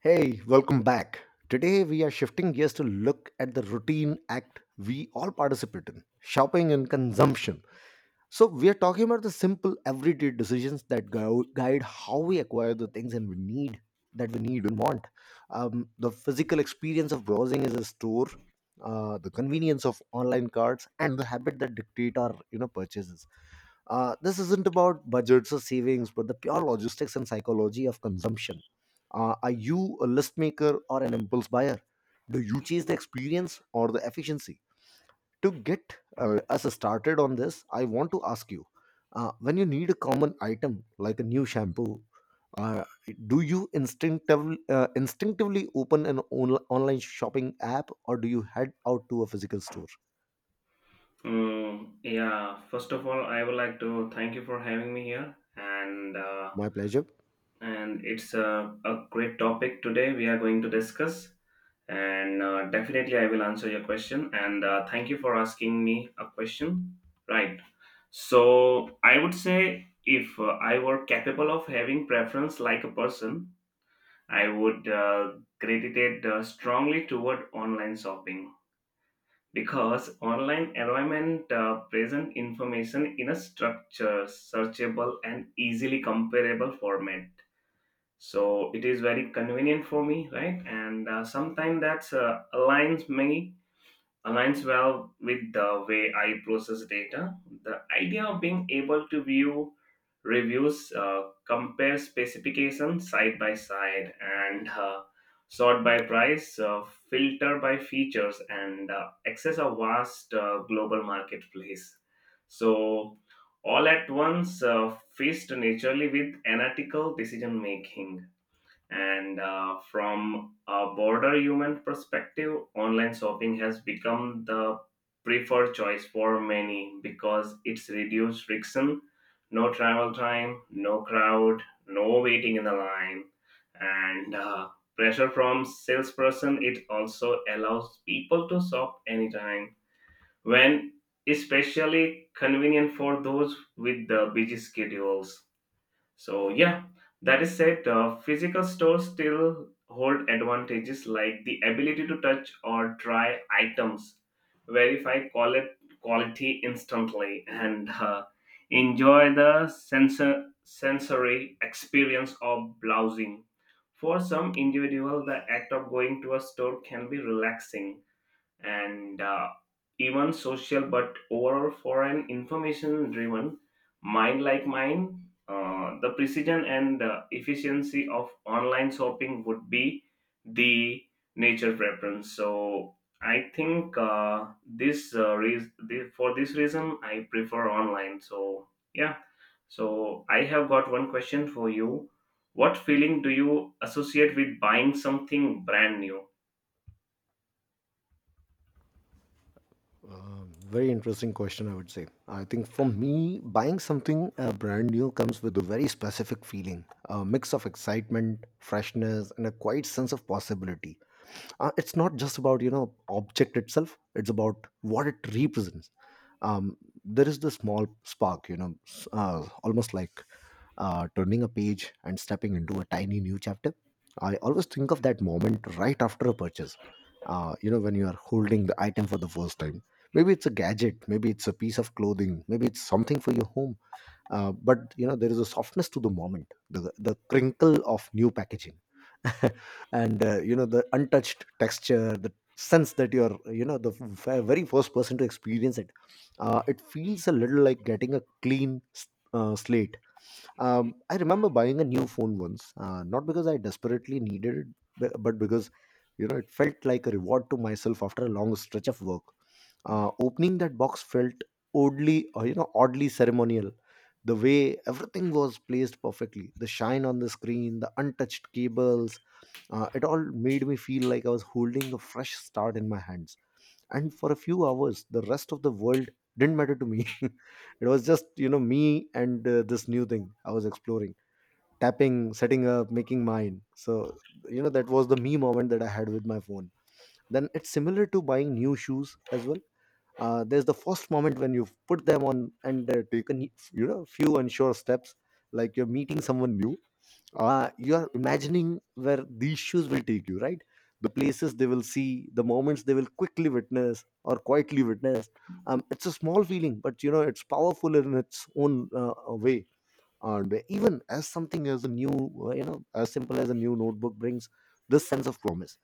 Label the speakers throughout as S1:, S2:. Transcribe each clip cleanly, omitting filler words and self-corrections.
S1: Hey, welcome back. Today we are shifting gears to look at the routine act we all participate in shopping and consumption. So we are talking about the simple everyday decisions that go, guide how we acquire the things and we need that we need and want. The physical experience of browsing is a store, the convenience of online carts, and the habit that dictate our purchases. This isn't about budgets or savings, but the pure logistics and psychology of consumption. Are you a list maker or an impulse buyer? Do you chase the experience or the efficiency? To get us started on this, I want to ask you, when you need a common item like a new shampoo, uh, do you instinctively open an online shopping app, or do you head out to a physical store?
S2: Yeah, First of all, I would like to thank you for having me here, and uh,
S1: My pleasure.
S2: and it's a great topic today we are going to discuss, and definitely I will answer your question, and thank you for asking me a question. Right. So I would say if I were capable of having preference like a person, I would gravitate strongly toward online shopping, because online environment present information in a structure searchable and easily comparable format, so it is very convenient for me, right? And sometimes that's aligns me aligns well with the way I process data. The idea of being able to view reviews, compare specifications side by side, and sort by price, filter by features, and access a vast global marketplace. So, all at once, faced naturally with analytical decision making. And from a broader human perspective, online shopping has become the preferred choice for many because it's reduced friction, no travel time, no crowd, no waiting in the line, and pressure from salesperson. It also allows people to shop anytime when, especially convenient for those with the busy schedules. So yeah, that is said, physical stores still hold advantages like the ability to touch or try items, verify quality instantly, and enjoy the sensory experience of browsing. For some individual, the act of going to a store can be relaxing and even social, but overall for an information driven mind like mine, the precision and efficiency of online shopping would be the nature preference. So I think for this reason I prefer online. So yeah, so I have got one question for you. What feeling do you associate with buying something brand new?
S1: Very interesting question, I would say. I think for me, buying something brand new comes with a very specific feeling, a mix of excitement, freshness, and a quiet sense of possibility. It's not just about, you know, object itself, it's about what it represents. Um, there is the small spark, you know, almost like turning a page and stepping into a tiny new chapter. I always think of that moment right after a purchase. You know, when you are holding the item for the first time. Maybe it's a gadget, maybe it's a piece of clothing, maybe it's something for your home. But you know, there is a softness to the moment, the crinkle of new packaging, and you know the untouched texture, the sense that you're very first person to experience it. It feels a little like getting a clean slate. I remember buying a new phone once, not because I desperately needed it, but because you know it felt like a reward to myself after a long stretch of work. Opening that box felt oddly ceremonial. The way everything was placed perfectly, the shine on the screen, the untouched cables, it all made me feel like I was holding a fresh start in my hands, and for a few hours the rest of the world didn't matter to me. It was just you know me and this new thing I was exploring, tapping, setting up, making mine. So you know that was the me moment that I had with my phone. Then it's similar to buying new shoes as well. There's the first moment when you put them on and taken you know few unsure steps, like you're meeting someone new. You are imagining where these shoes will take you, right, the places they will see, the moments they will quickly witness or quietly witness. It's a small feeling, but you know it's powerful in its own way. And even as something as a new you know as simple as a new notebook brings this sense of promise.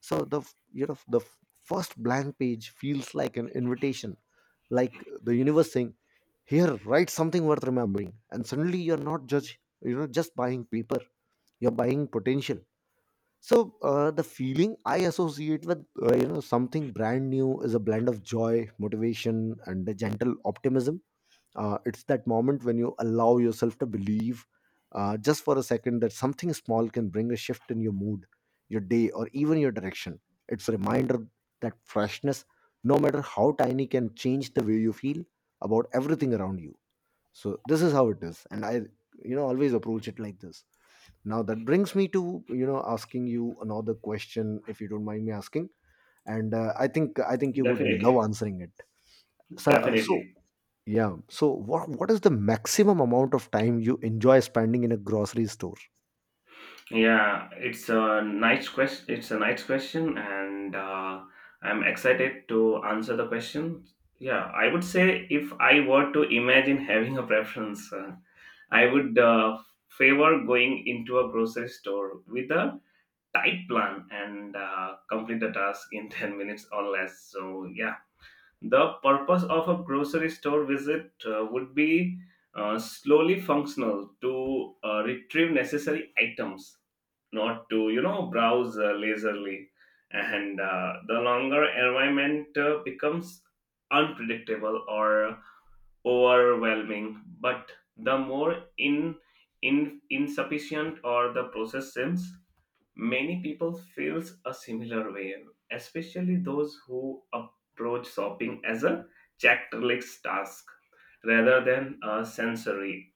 S1: So the f- you know the f- first blank page feels like an invitation, like the universe saying, here, write something worth remembering, and suddenly you're not judged, you know, just buying paper, you're buying potential. So the feeling I associate with you know something brand new is a blend of joy, motivation, and a gentle optimism. It's that moment when you allow yourself to believe, just for a second, that something small can bring a shift in your mood, your day, or even your direction. It's a reminder that freshness, no matter how tiny, can change the way you feel about everything around you. So this is how it is, and I you know always approach it like this. Now that brings me to you know asking you another question, if you don't mind me asking, and I think you would
S2: Definitely.
S1: love answering it. So,
S2: Definitely.
S1: yeah, so what is the maximum amount of time you enjoy spending in a grocery store?
S2: Yeah, it's a nice question. It's a nice question, and I'm excited to answer the question. Yeah, I would say if I were to imagine having a preference, I would favor going into a grocery store with a tight plan and complete the task in 10 minutes or less. So, yeah, the purpose of a grocery store visit would be slowly functional to retrieve necessary items, not to, you know, browse lazily. And the longer environment becomes unpredictable or overwhelming, but the more in insufficient or the process seems, many people feels a similar way, especially those who approach shopping as a checklist task rather than a sensory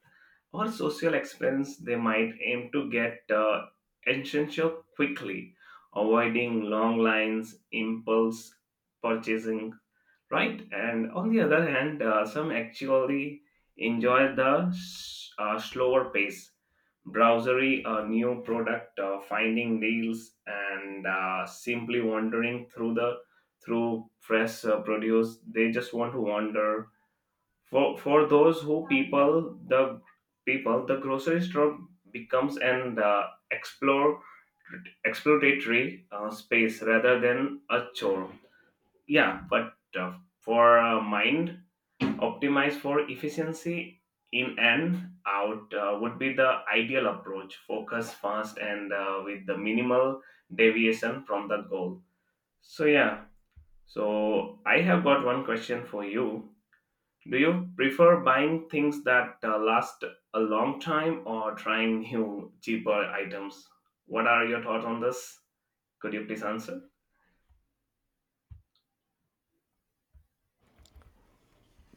S2: or social expense. They might aim to get essential quickly, avoiding long lines, impulse purchasing, right? And on the other hand, some actually enjoy the slower pace, browsery a new product, finding deals, and simply wandering through fresh produce. They just want to wander. For those who people, the grocery store becomes an explore exploratory space rather than a chore. Yeah, but for mind, optimize for efficiency, in and out would be the ideal approach. Focus fast and with the minimal deviation from the goal. So yeah, so I have got one question for you. Do you prefer buying things that last a long time, or trying new, cheaper items? What are your thoughts on this? Could you please answer?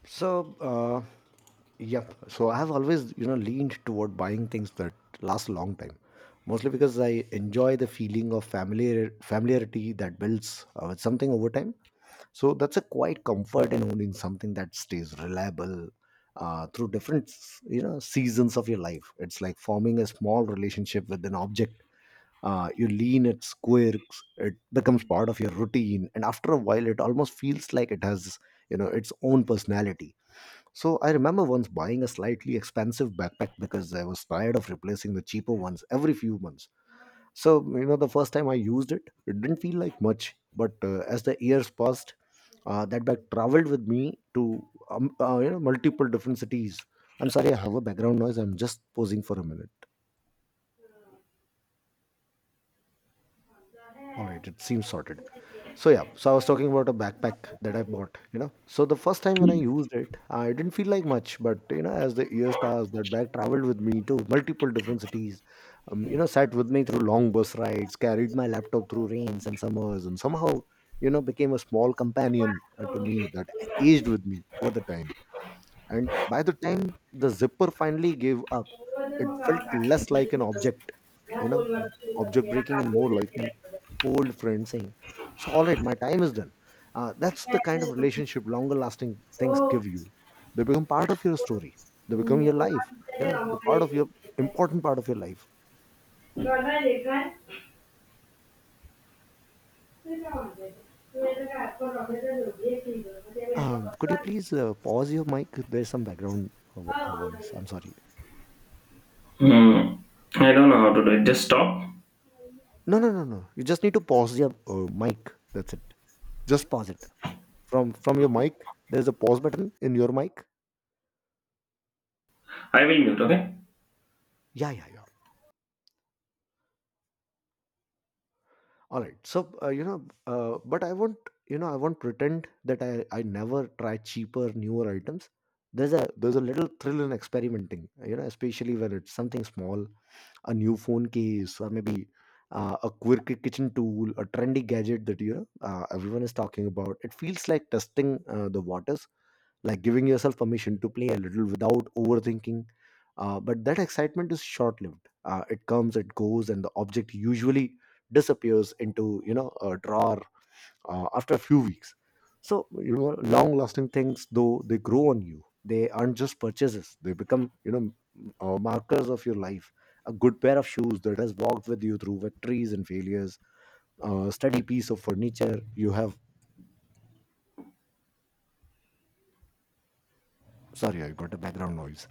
S1: So yep, so I have always you know leaned toward buying things that last a long time, mostly because I enjoy the feeling of familiarity that builds with something over time. So that's a quite comfort in owning something that stays reliable through different you know seasons of your life. It's like forming a small relationship with an object. You lean its quirks, it becomes part of your routine, and after a while, it almost feels like it has you know its own personality. So I remember once buying a slightly expensive backpack because I was tired of replacing the cheaper ones every few months. So, you know, the first time I used it, it didn't feel like much. But as the years passed, that bag traveled with me to you know multiple different cities. I'm sorry, I have a background noise. I'm just posing for a minute. All right, it seems sorted. So yeah, so I was talking about a backpack that I bought, you know. So the first time when I used it, I didn't feel like much, but you know, as the years passed, that bag traveled with me to multiple different cities. You know, sat with me through long bus rides, carried my laptop through rains and summers, and somehow, you know, became a small companion to me that aged with me over the time. And by the time the zipper finally gave up, it felt less like an object, you know, object breaking, and more like an old friend saying, so all right, my time is done. That's the kind of relationship longer lasting things give you. They become part of your story, they become your life, you know, the part of your important part of your life. Could you please pause your mic? There's some background voice. I'm sorry.
S2: Hmm. I don't know how to do it. Just stop.
S1: No, no, no, no, you just need to pause your mic, that's it. Just pause it. From your mic, there's a pause button in your mic.
S2: I will mute, okay?
S1: Yeah, yeah, yeah. All right, so you know, but I won't you know I won't pretend that I never try cheaper newer items. There's a little thrill in experimenting, you know, especially when it's something small, a new phone case, or maybe a quirky kitchen tool, a trendy gadget that you know everyone is talking about. It feels like testing the waters, like giving yourself permission to play a little without overthinking. But that excitement is short lived. It comes, it goes, and the object usually disappears into you know a drawer after a few weeks. So you know, long lasting things, though, they grow on you. They aren't just purchases; they become you know markers of your life. A good pair of shoes that has walked with you through victories and failures. A steady piece of furniture you have. Sorry, I got a background noise.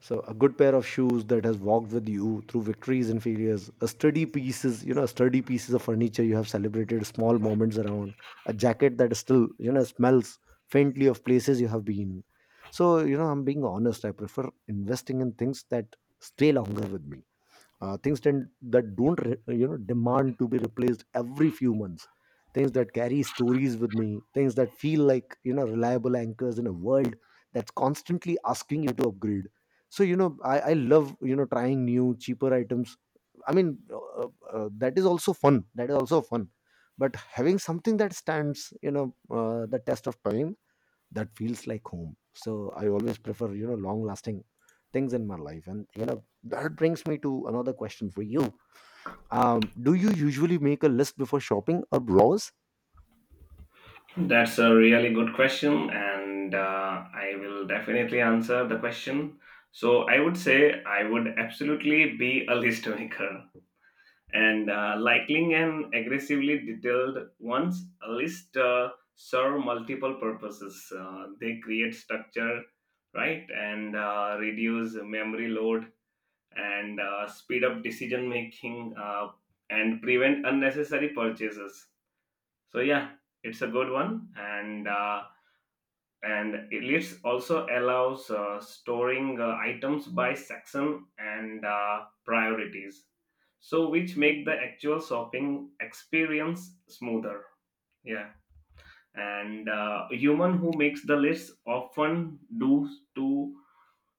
S1: So a good pair of shoes that has walked with you through victories and failures, a sturdy pieces, you know, sturdy pieces of furniture you have celebrated small moments around, a jacket that still, you know, smells faintly of places you have been. So, you know, I'm being honest, I prefer investing in things that stay longer with me, things tend, that don't you know demand to be replaced every few months, things that carry stories with me, things that feel like you know reliable anchors in a world that's constantly asking you to upgrade. So you know I love you know trying new cheaper items. I mean that is also fun, that is also fun. But having something that stands you know the test of time, that feels like home. So I always prefer, you know, long lasting things in my life. And, you know, that brings me to another question for you. Do you usually make a list before shopping or browse?
S2: That's a really good question, and I will definitely answer the question. So, I would say I would absolutely be a list maker, and likely and aggressively detailed ones. A list serve multiple purposes. They create structure, right? And reduce memory load, and speed up decision making, and prevent unnecessary purchases. So yeah, it's a good one. And and it lists also allows storing items by section and priorities, so which make the actual shopping experience smoother. Yeah. And human who makes the lists often do to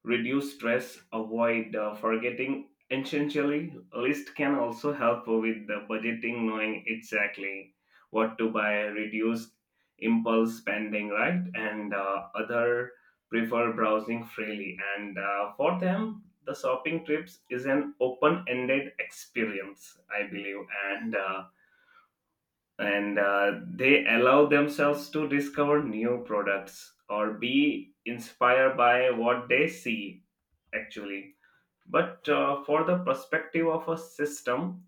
S2: reduce stress, avoid forgetting essentially. List can also help with the budgeting, knowing exactly what to buy, reduce impulse spending, right? And other prefer browsing freely. And for them, the shopping trips is an open-ended experience, I believe, and uh, and they allow themselves to discover new products or be inspired by what they see actually. But for the perspective of a system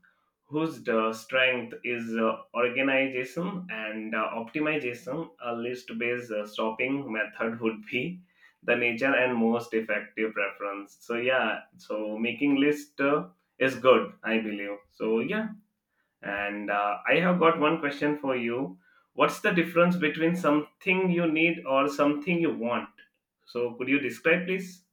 S2: whose strength is organization and optimization, a list based shopping method would be the nature and most effective preference. So, yeah, so making list is good, I believe. So, yeah, and I have got one question for you. What's the difference between something you need or something you want? So, could you describe, please?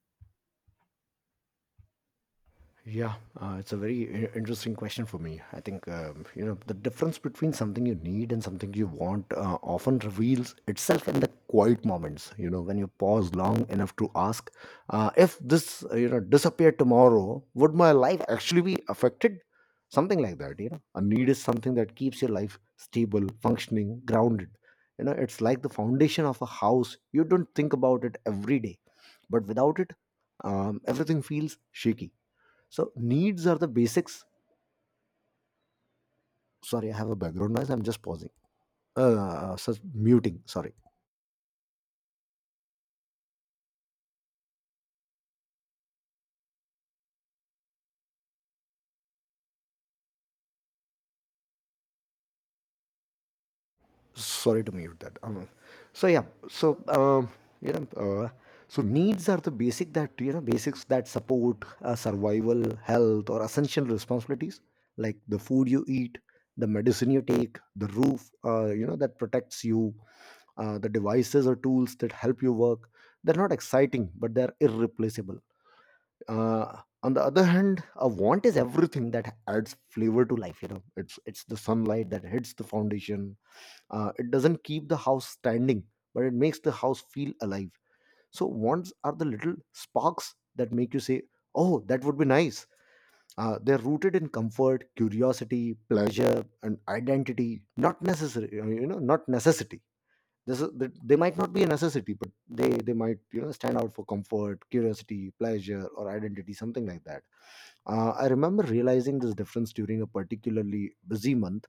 S1: Yeah, it's a very interesting question for me. I think you know the difference between something you need and something you want often reveals itself in the quiet moments. You know, when you pause long enough to ask, if this you know disappeared tomorrow, would my life actually be affected? Something like that. You know, a need is something that keeps your life stable, functioning, grounded. You know, it's like the foundation of a house. You don't think about it every day, but without it, everything feels shaky, so needs are the basics. Sorry, I have a background noise. I'm just pausing. So muting. Sorry, sorry to mute that. So yeah. You know. Uh, so needs are the basics that support survival, health, or essential responsibilities like the food you eat, the medicine you take, the roof that protects you, the devices or tools that help you work. They're not exciting, but they're irreplaceable. On the other hand, a want is everything that adds flavor to life. It's the sunlight that hits the foundation. It doesn't keep the house standing, but it makes the house feel alive. So wants are the little sparks that make you say, "Oh, that would be nice." They're rooted in comfort, curiosity, pleasure, and identity, not necessary, not necessity. They might not be a necessity, but they might stand out for comfort, curiosity, pleasure, or identity, something like that. I remember realizing this difference during a particularly busy month.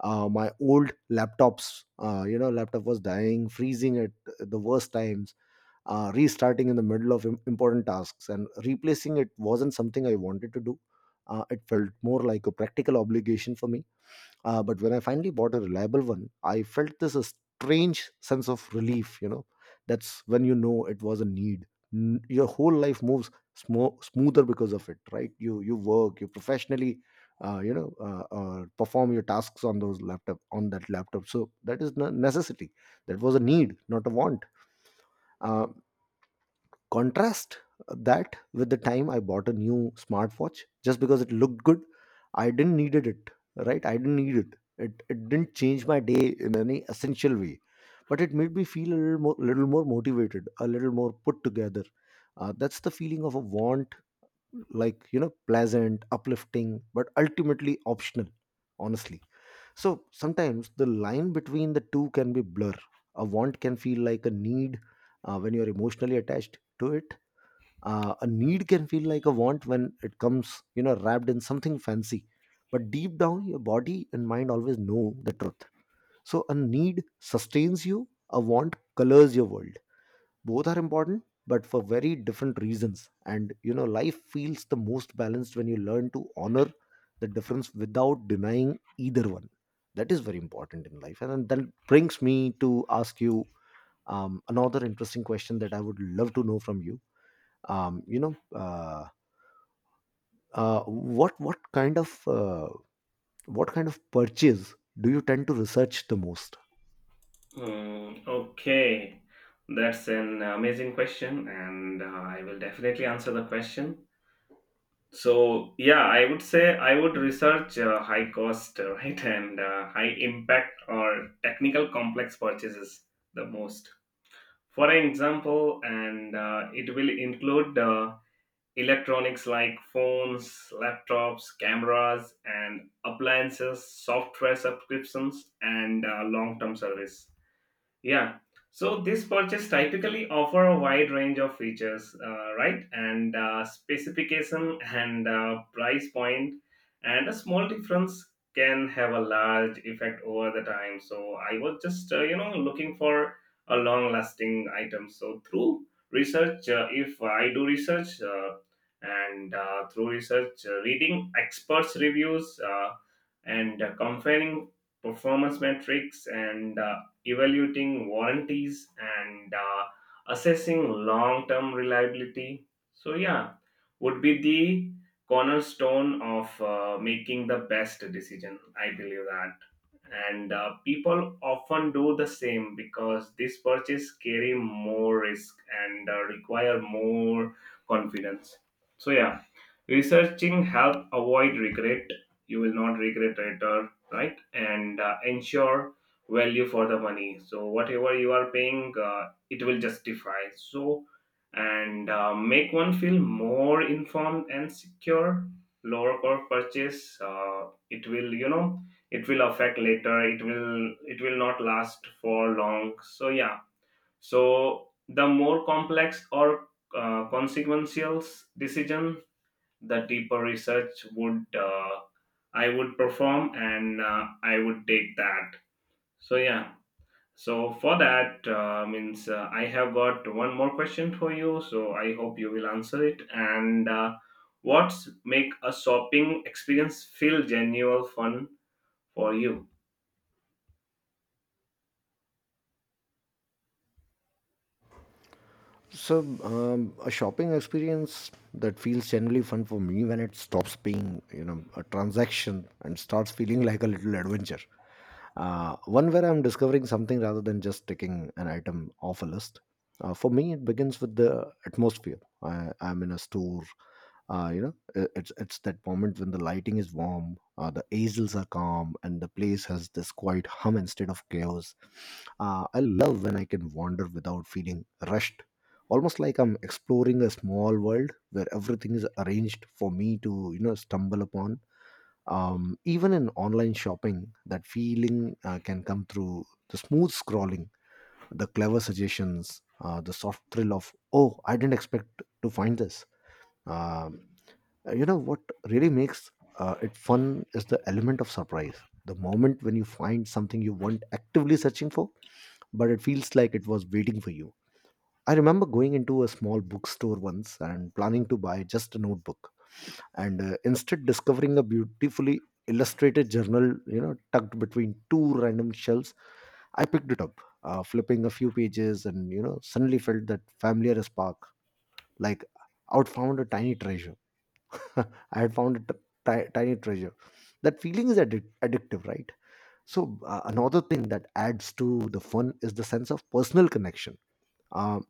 S1: My old laptops you know laptop was dying, freezing at the worst times, restarting in the middle of important tasks, and replacing it wasn't something I wanted to do. It felt more like a practical obligation for me. But when I finally bought a reliable one, I felt this a strange sense of relief. You know, that's when you know it was a need. Your whole life moves smoother because of it, right? You work, you professionally, perform your tasks on those laptop on that laptop. So that is a necessity. That was a need, not a want. Uh, Contrast that with the time I bought a new smartwatch just because it looked good. I didn't needed it, right? I didn't need it. It didn't change my day in any essential way, but it made me feel a little more motivated, a little more put together. That's the feeling of a want, like, you know, pleasant, uplifting, but ultimately optional. Honestly, so sometimes the line between the two can be blur. A want can feel like a need when you're emotionally attached to it. A need can feel like a want when it comes, you know, wrapped in something fancy. But deep down, your body and mind always know the truth. So a need sustains you, a want colors your world. Both are important, but for very different reasons. And, you know, life feels the most balanced when you learn to honor the difference without denying either one. That is very important in life. And then that brings me to ask you another interesting question that I would love to know from you. um, you know, uh, what kind of purchase do you tend to research the most?
S2: Mm, okay, that's an amazing question, and I will definitely answer the question. So, yeah, I would say I would research high cost, right, and high impact or technical complex purchases the most. For example, and it will include electronics like phones, laptops, cameras, and appliances, software subscriptions, and long term service, yeah. So this purchase typically offer a wide range of features, right? And specification and price point, and a small difference can have a large effect over the time. So I was just you know looking for a long lasting item. So through research, if I do research, and through research, reading experts' reviews, and comparing performance metrics, and evaluating warranties, and assessing long-term reliability. So yeah, would be the cornerstone of making the best decision, I believe that. And people often do the same because this purchase carry more risk, and require more confidence. So yeah, researching help avoid regret. You will not regret later, right? And ensure value for the money, so whatever you are paying, it will justify. So and make one feel more informed and secure. Lower cost purchase, it will, you know, it will affect later, it will not last for long. So yeah, so the more complex or consequential decision, the deeper research would I would perform, and I would take that. So yeah, so for that means, I have got one more question for you. So I hope you will answer it. And what's make a shopping experience feel genuine fun for you?
S1: So a shopping experience that feels generally fun for me when it stops being, a transaction, and starts feeling like a little adventure, one where I'm discovering something rather than just taking an item off a list. For me, it begins with the atmosphere I'm in a store. uh, you know it's that moment when the lighting is warm, the aisles are calm, and the place has this quiet hum instead of chaos. I love when I can wander without feeling rushed, almost like I'm exploring a small world where everything is arranged for me to stumble upon. Even in online shopping, that feeling can come through the smooth scrolling, the clever suggestions, the soft thrill of, "Oh, I didn't expect to find this." Um. You know what really makes it fun is the element of surprise, the moment when you find something you weren't actively searching for, but it feels like it was waiting for you. I remember going into a small bookstore once and planning to buy just a notebook, and instead discovering a beautifully illustrated journal, tucked between two random shelves. I picked it up, flipping a few pages, and suddenly felt that familiar spark, like I'd found a tiny treasure. I had found a tiny treasure. That feeling is addictive, right? So, another thing that adds to the fun is the sense of personal connection. Um,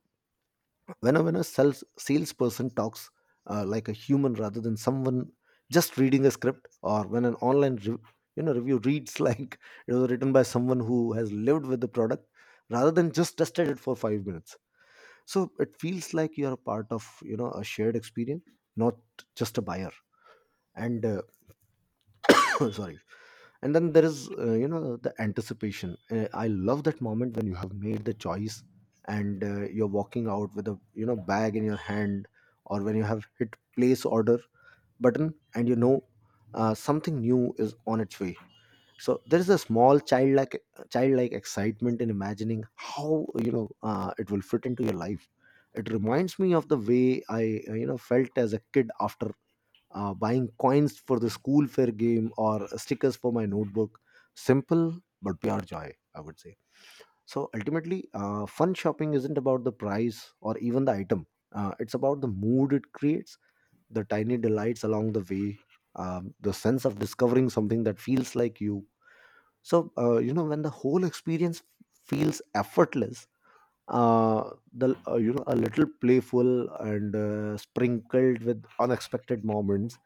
S1: when a salesperson talks like a human rather than someone just reading a script, or when an online review reads like it was written by someone who has lived with the product rather than just tested it for 5 minutes. So it feels like you are a part of a shared experience, not just a buyer. And sorry, and then there is the anticipation. I love that moment when you have made the choice, and you're walking out with a bag in your hand, or when you have hit place order button, and something new is on its way. So there is a small childlike excitement in imagining how, it will fit into your life. It reminds me of the way I felt as a kid after buying coins for the school fair game or stickers for my notebook. Simple but pure joy, I would say. So ultimately, fun shopping isn't about the price or even the item. It's about the mood it creates, the tiny delights along the way, the sense of discovering something that feels like you. So, when the whole experience feels effortless, the you know a little playful, and sprinkled with unexpected moments,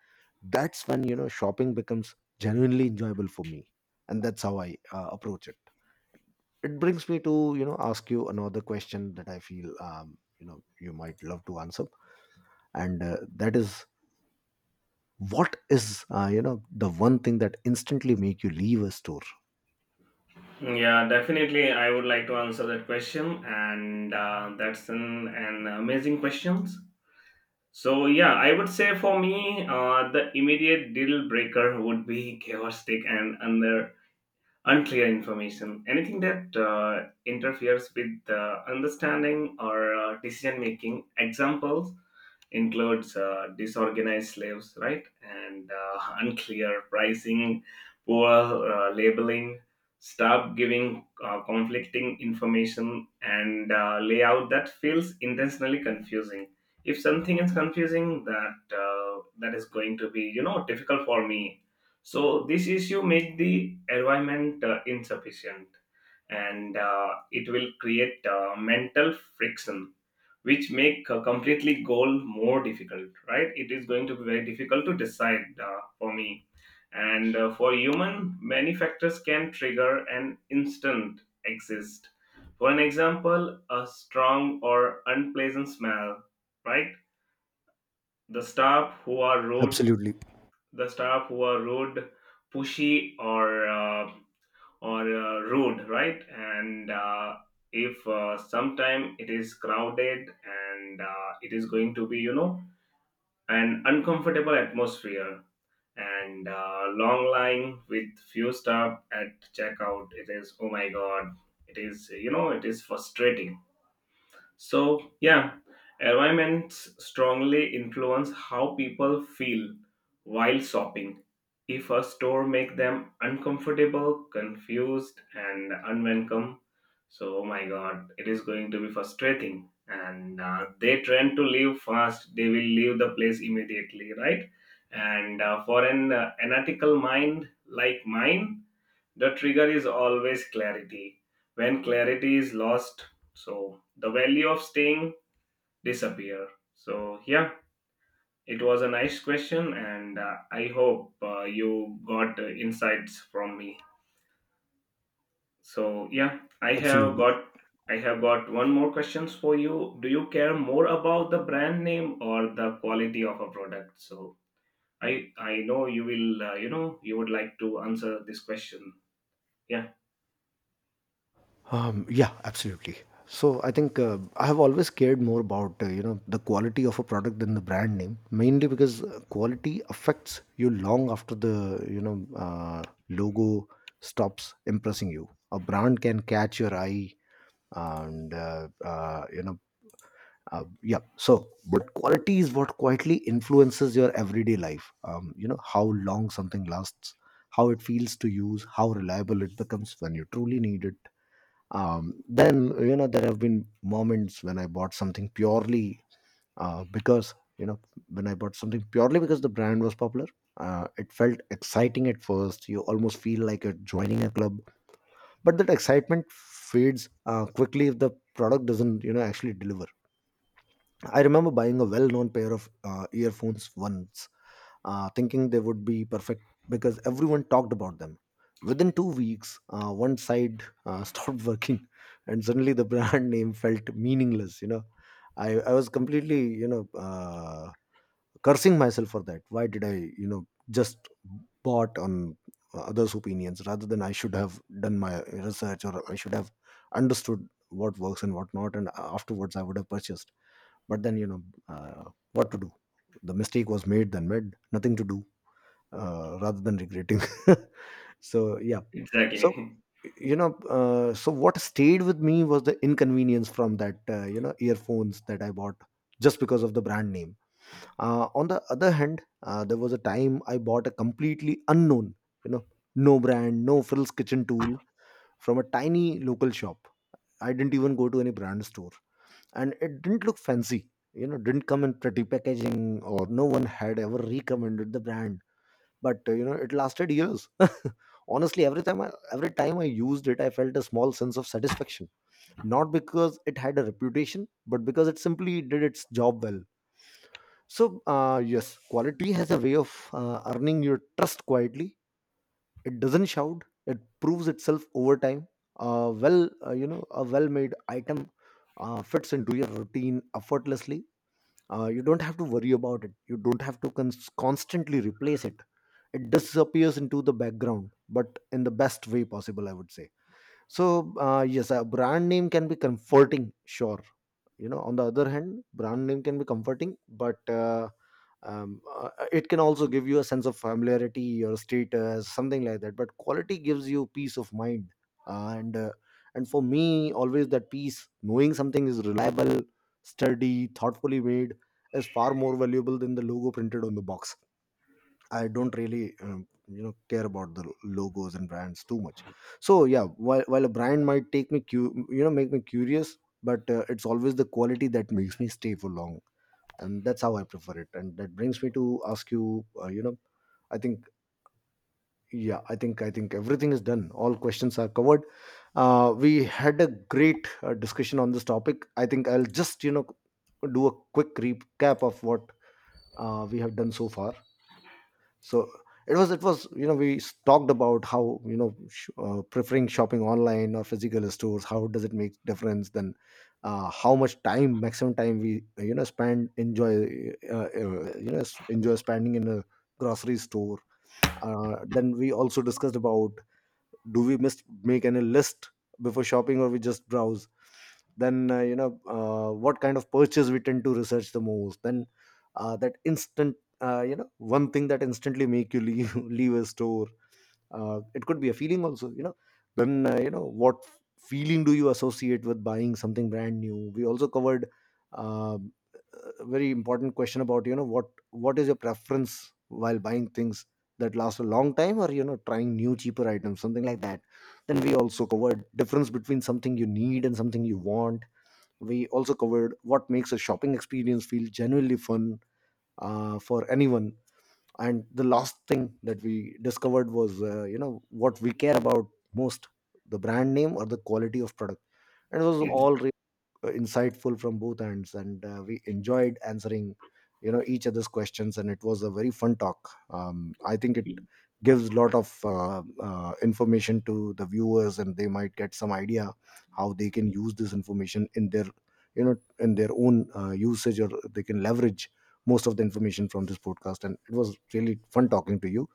S1: that's when you know shopping becomes genuinely enjoyable for me, and that's how I approach it. It brings me to ask you another question that I feel, you might love to answer, and that is, what is the one thing that instantly make you leave a store?
S2: Yeah, definitely. I would like to answer that question, and that's an amazing questions. So yeah, I would say for me, the immediate deal breaker would be chaotic and under unclear information, anything that interferes with the understanding or decision making. Examples includes disorganized slaves, right, and unclear pricing, poor labeling, stop giving conflicting information, and layout that feels intentionally confusing. If something is confusing, that is going to be, you know, difficult for me. So this issue make the environment insufficient, and it will create mental friction, which make a completely goal more difficult. Right? It is going to be very difficult to decide for me, and for human, many factors can trigger an instant exist. For an example, a strong or unpleasant smell. Right? The staff who are rude
S1: Absolutely.
S2: the staff who are rude, pushy, or rude, right? And if sometime it is crowded, and it is going to be, you know, an uncomfortable atmosphere, and long line with few staff at checkout. It is, oh my god! It is, you know, it is frustrating. So, yeah, environments strongly influence how people feel while shopping. If a store makes them uncomfortable, confused, and unwelcome, so oh my god, it is going to be frustrating. And they tend to leave fast. They will leave the place immediately, right? And for an analytical mind like mine, the trigger is always clarity. When clarity is lost, so the value of staying disappear. So yeah, it was a nice question, and I hope you got insights from me. So yeah,
S1: Absolutely.
S2: I have got one more questions for you. Do you care more about the brand name or the quality of a product? So I know you will you know you would like to answer this question. Yeah,
S1: Yeah, absolutely. So I think, I have always cared more about the quality of a product than the brand name, mainly because quality affects you long after the logo stops impressing you. A brand can catch your eye, and yeah. So, but quality is what quietly influences your everyday life. You know how long something lasts, how it feels to use, how reliable it becomes when you truly need it. Then, there have been moments when I bought something purely because when I bought something purely because the brand was popular. It felt exciting at first. You almost feel like you're joining a club, but that excitement fades quickly if the product doesn't actually deliver. I remember buying a well-known pair of earphones once, thinking they would be perfect because everyone talked about them. Within 2 weeks, one side stopped working, and suddenly the brand name felt meaningless. You know, I was completely, cursing myself for that. Why did I just bought on others' opinions rather than I should have done my research, or I should have understood what works and what not, and afterwards I would have purchased. But then, what to do. The mistake was made, then made. Nothing to do rather than regretting. So, yeah, so
S2: exactly.
S1: so what stayed with me was the inconvenience from that earphones that I bought just because of the brand name. On the other hand, there was a time I bought a completely unknown, you know, no brand, no frills kitchen tool from a tiny local shop. I didn't even go to any brand store, and it didn't look fancy. You know, didn't come in pretty packaging, or no one had ever recommended the brand, but it lasted years. Honestly, every time I used it, I felt a small sense of satisfaction, not because it had a reputation, but because it simply did its job well. So yes, quality has a way of earning your trust quietly. It doesn't shout, it proves itself over time. A well made item fits into your routine effortlessly. You don't have to worry about it, you don't have to constantly replace it. It disappears into the background, but in the best way possible, I would say. So yes, a brand name can be comforting, sure. On the other hand, brand name can be comforting, but it can also give you a sense of familiarity or status, something like that, but quality gives you peace of mind. uh, and uh, and for me, always that peace, knowing something is reliable, sturdy, thoughtfully made, is far more valuable than the logo printed on the box. I don't really, care about the logos and brands too much. So yeah, while a brand might take me, make me curious, but it's always the quality that makes me stay for long, and that's how I prefer it. And that brings me to ask you, I think, yeah, I think everything is done. All questions are covered. We had a great discussion on this topic. I think I'll just do a quick recap of what we have done so far. So, it was, we talked about how, preferring shopping online or physical stores, how does it make difference. Then how much time, maximum time we spend enjoy, enjoy spending in a grocery store. Then we also discussed about, do we must make any list before shopping or we just browse. Then what kind of purchase we tend to research the most. Then, that instant you know one thing that instantly make you leave leave a store. It could be a feeling also, you know. Then what feeling do you associate with buying something brand new, we also covered. um, a very important question about, what is your preference while buying things that last a long time, or trying new cheaper items, something like that. Then we also covered difference between something you need and something you want. We also covered what makes a shopping experience feel genuinely fun, for anyone. And the last thing that we discovered was, what we care about most, the brand name or the quality of product. And it was
S2: It's.
S1: all insightful from both ends, and we enjoyed answering each other's questions, and it was a very fun talk. I think it gives a lot of information to the viewers, and they might get some idea how they can use this information in their you know in their own usage, or they can leverage most of the information from this podcast. And it was really fun talking to you.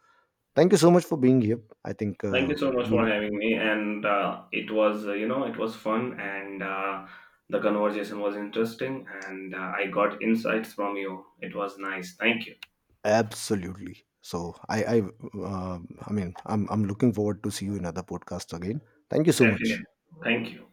S1: Thank you so much for being here. I think
S2: Thank you so much for
S1: we...
S2: having me, and it was you know it was fun, and the conversation was interesting, and I got insights from you. It was nice. Thank you.
S1: Absolutely. So I mean, I'm looking forward to see you in other podcast again. Thank you so much.
S2: Definitely. Thank you.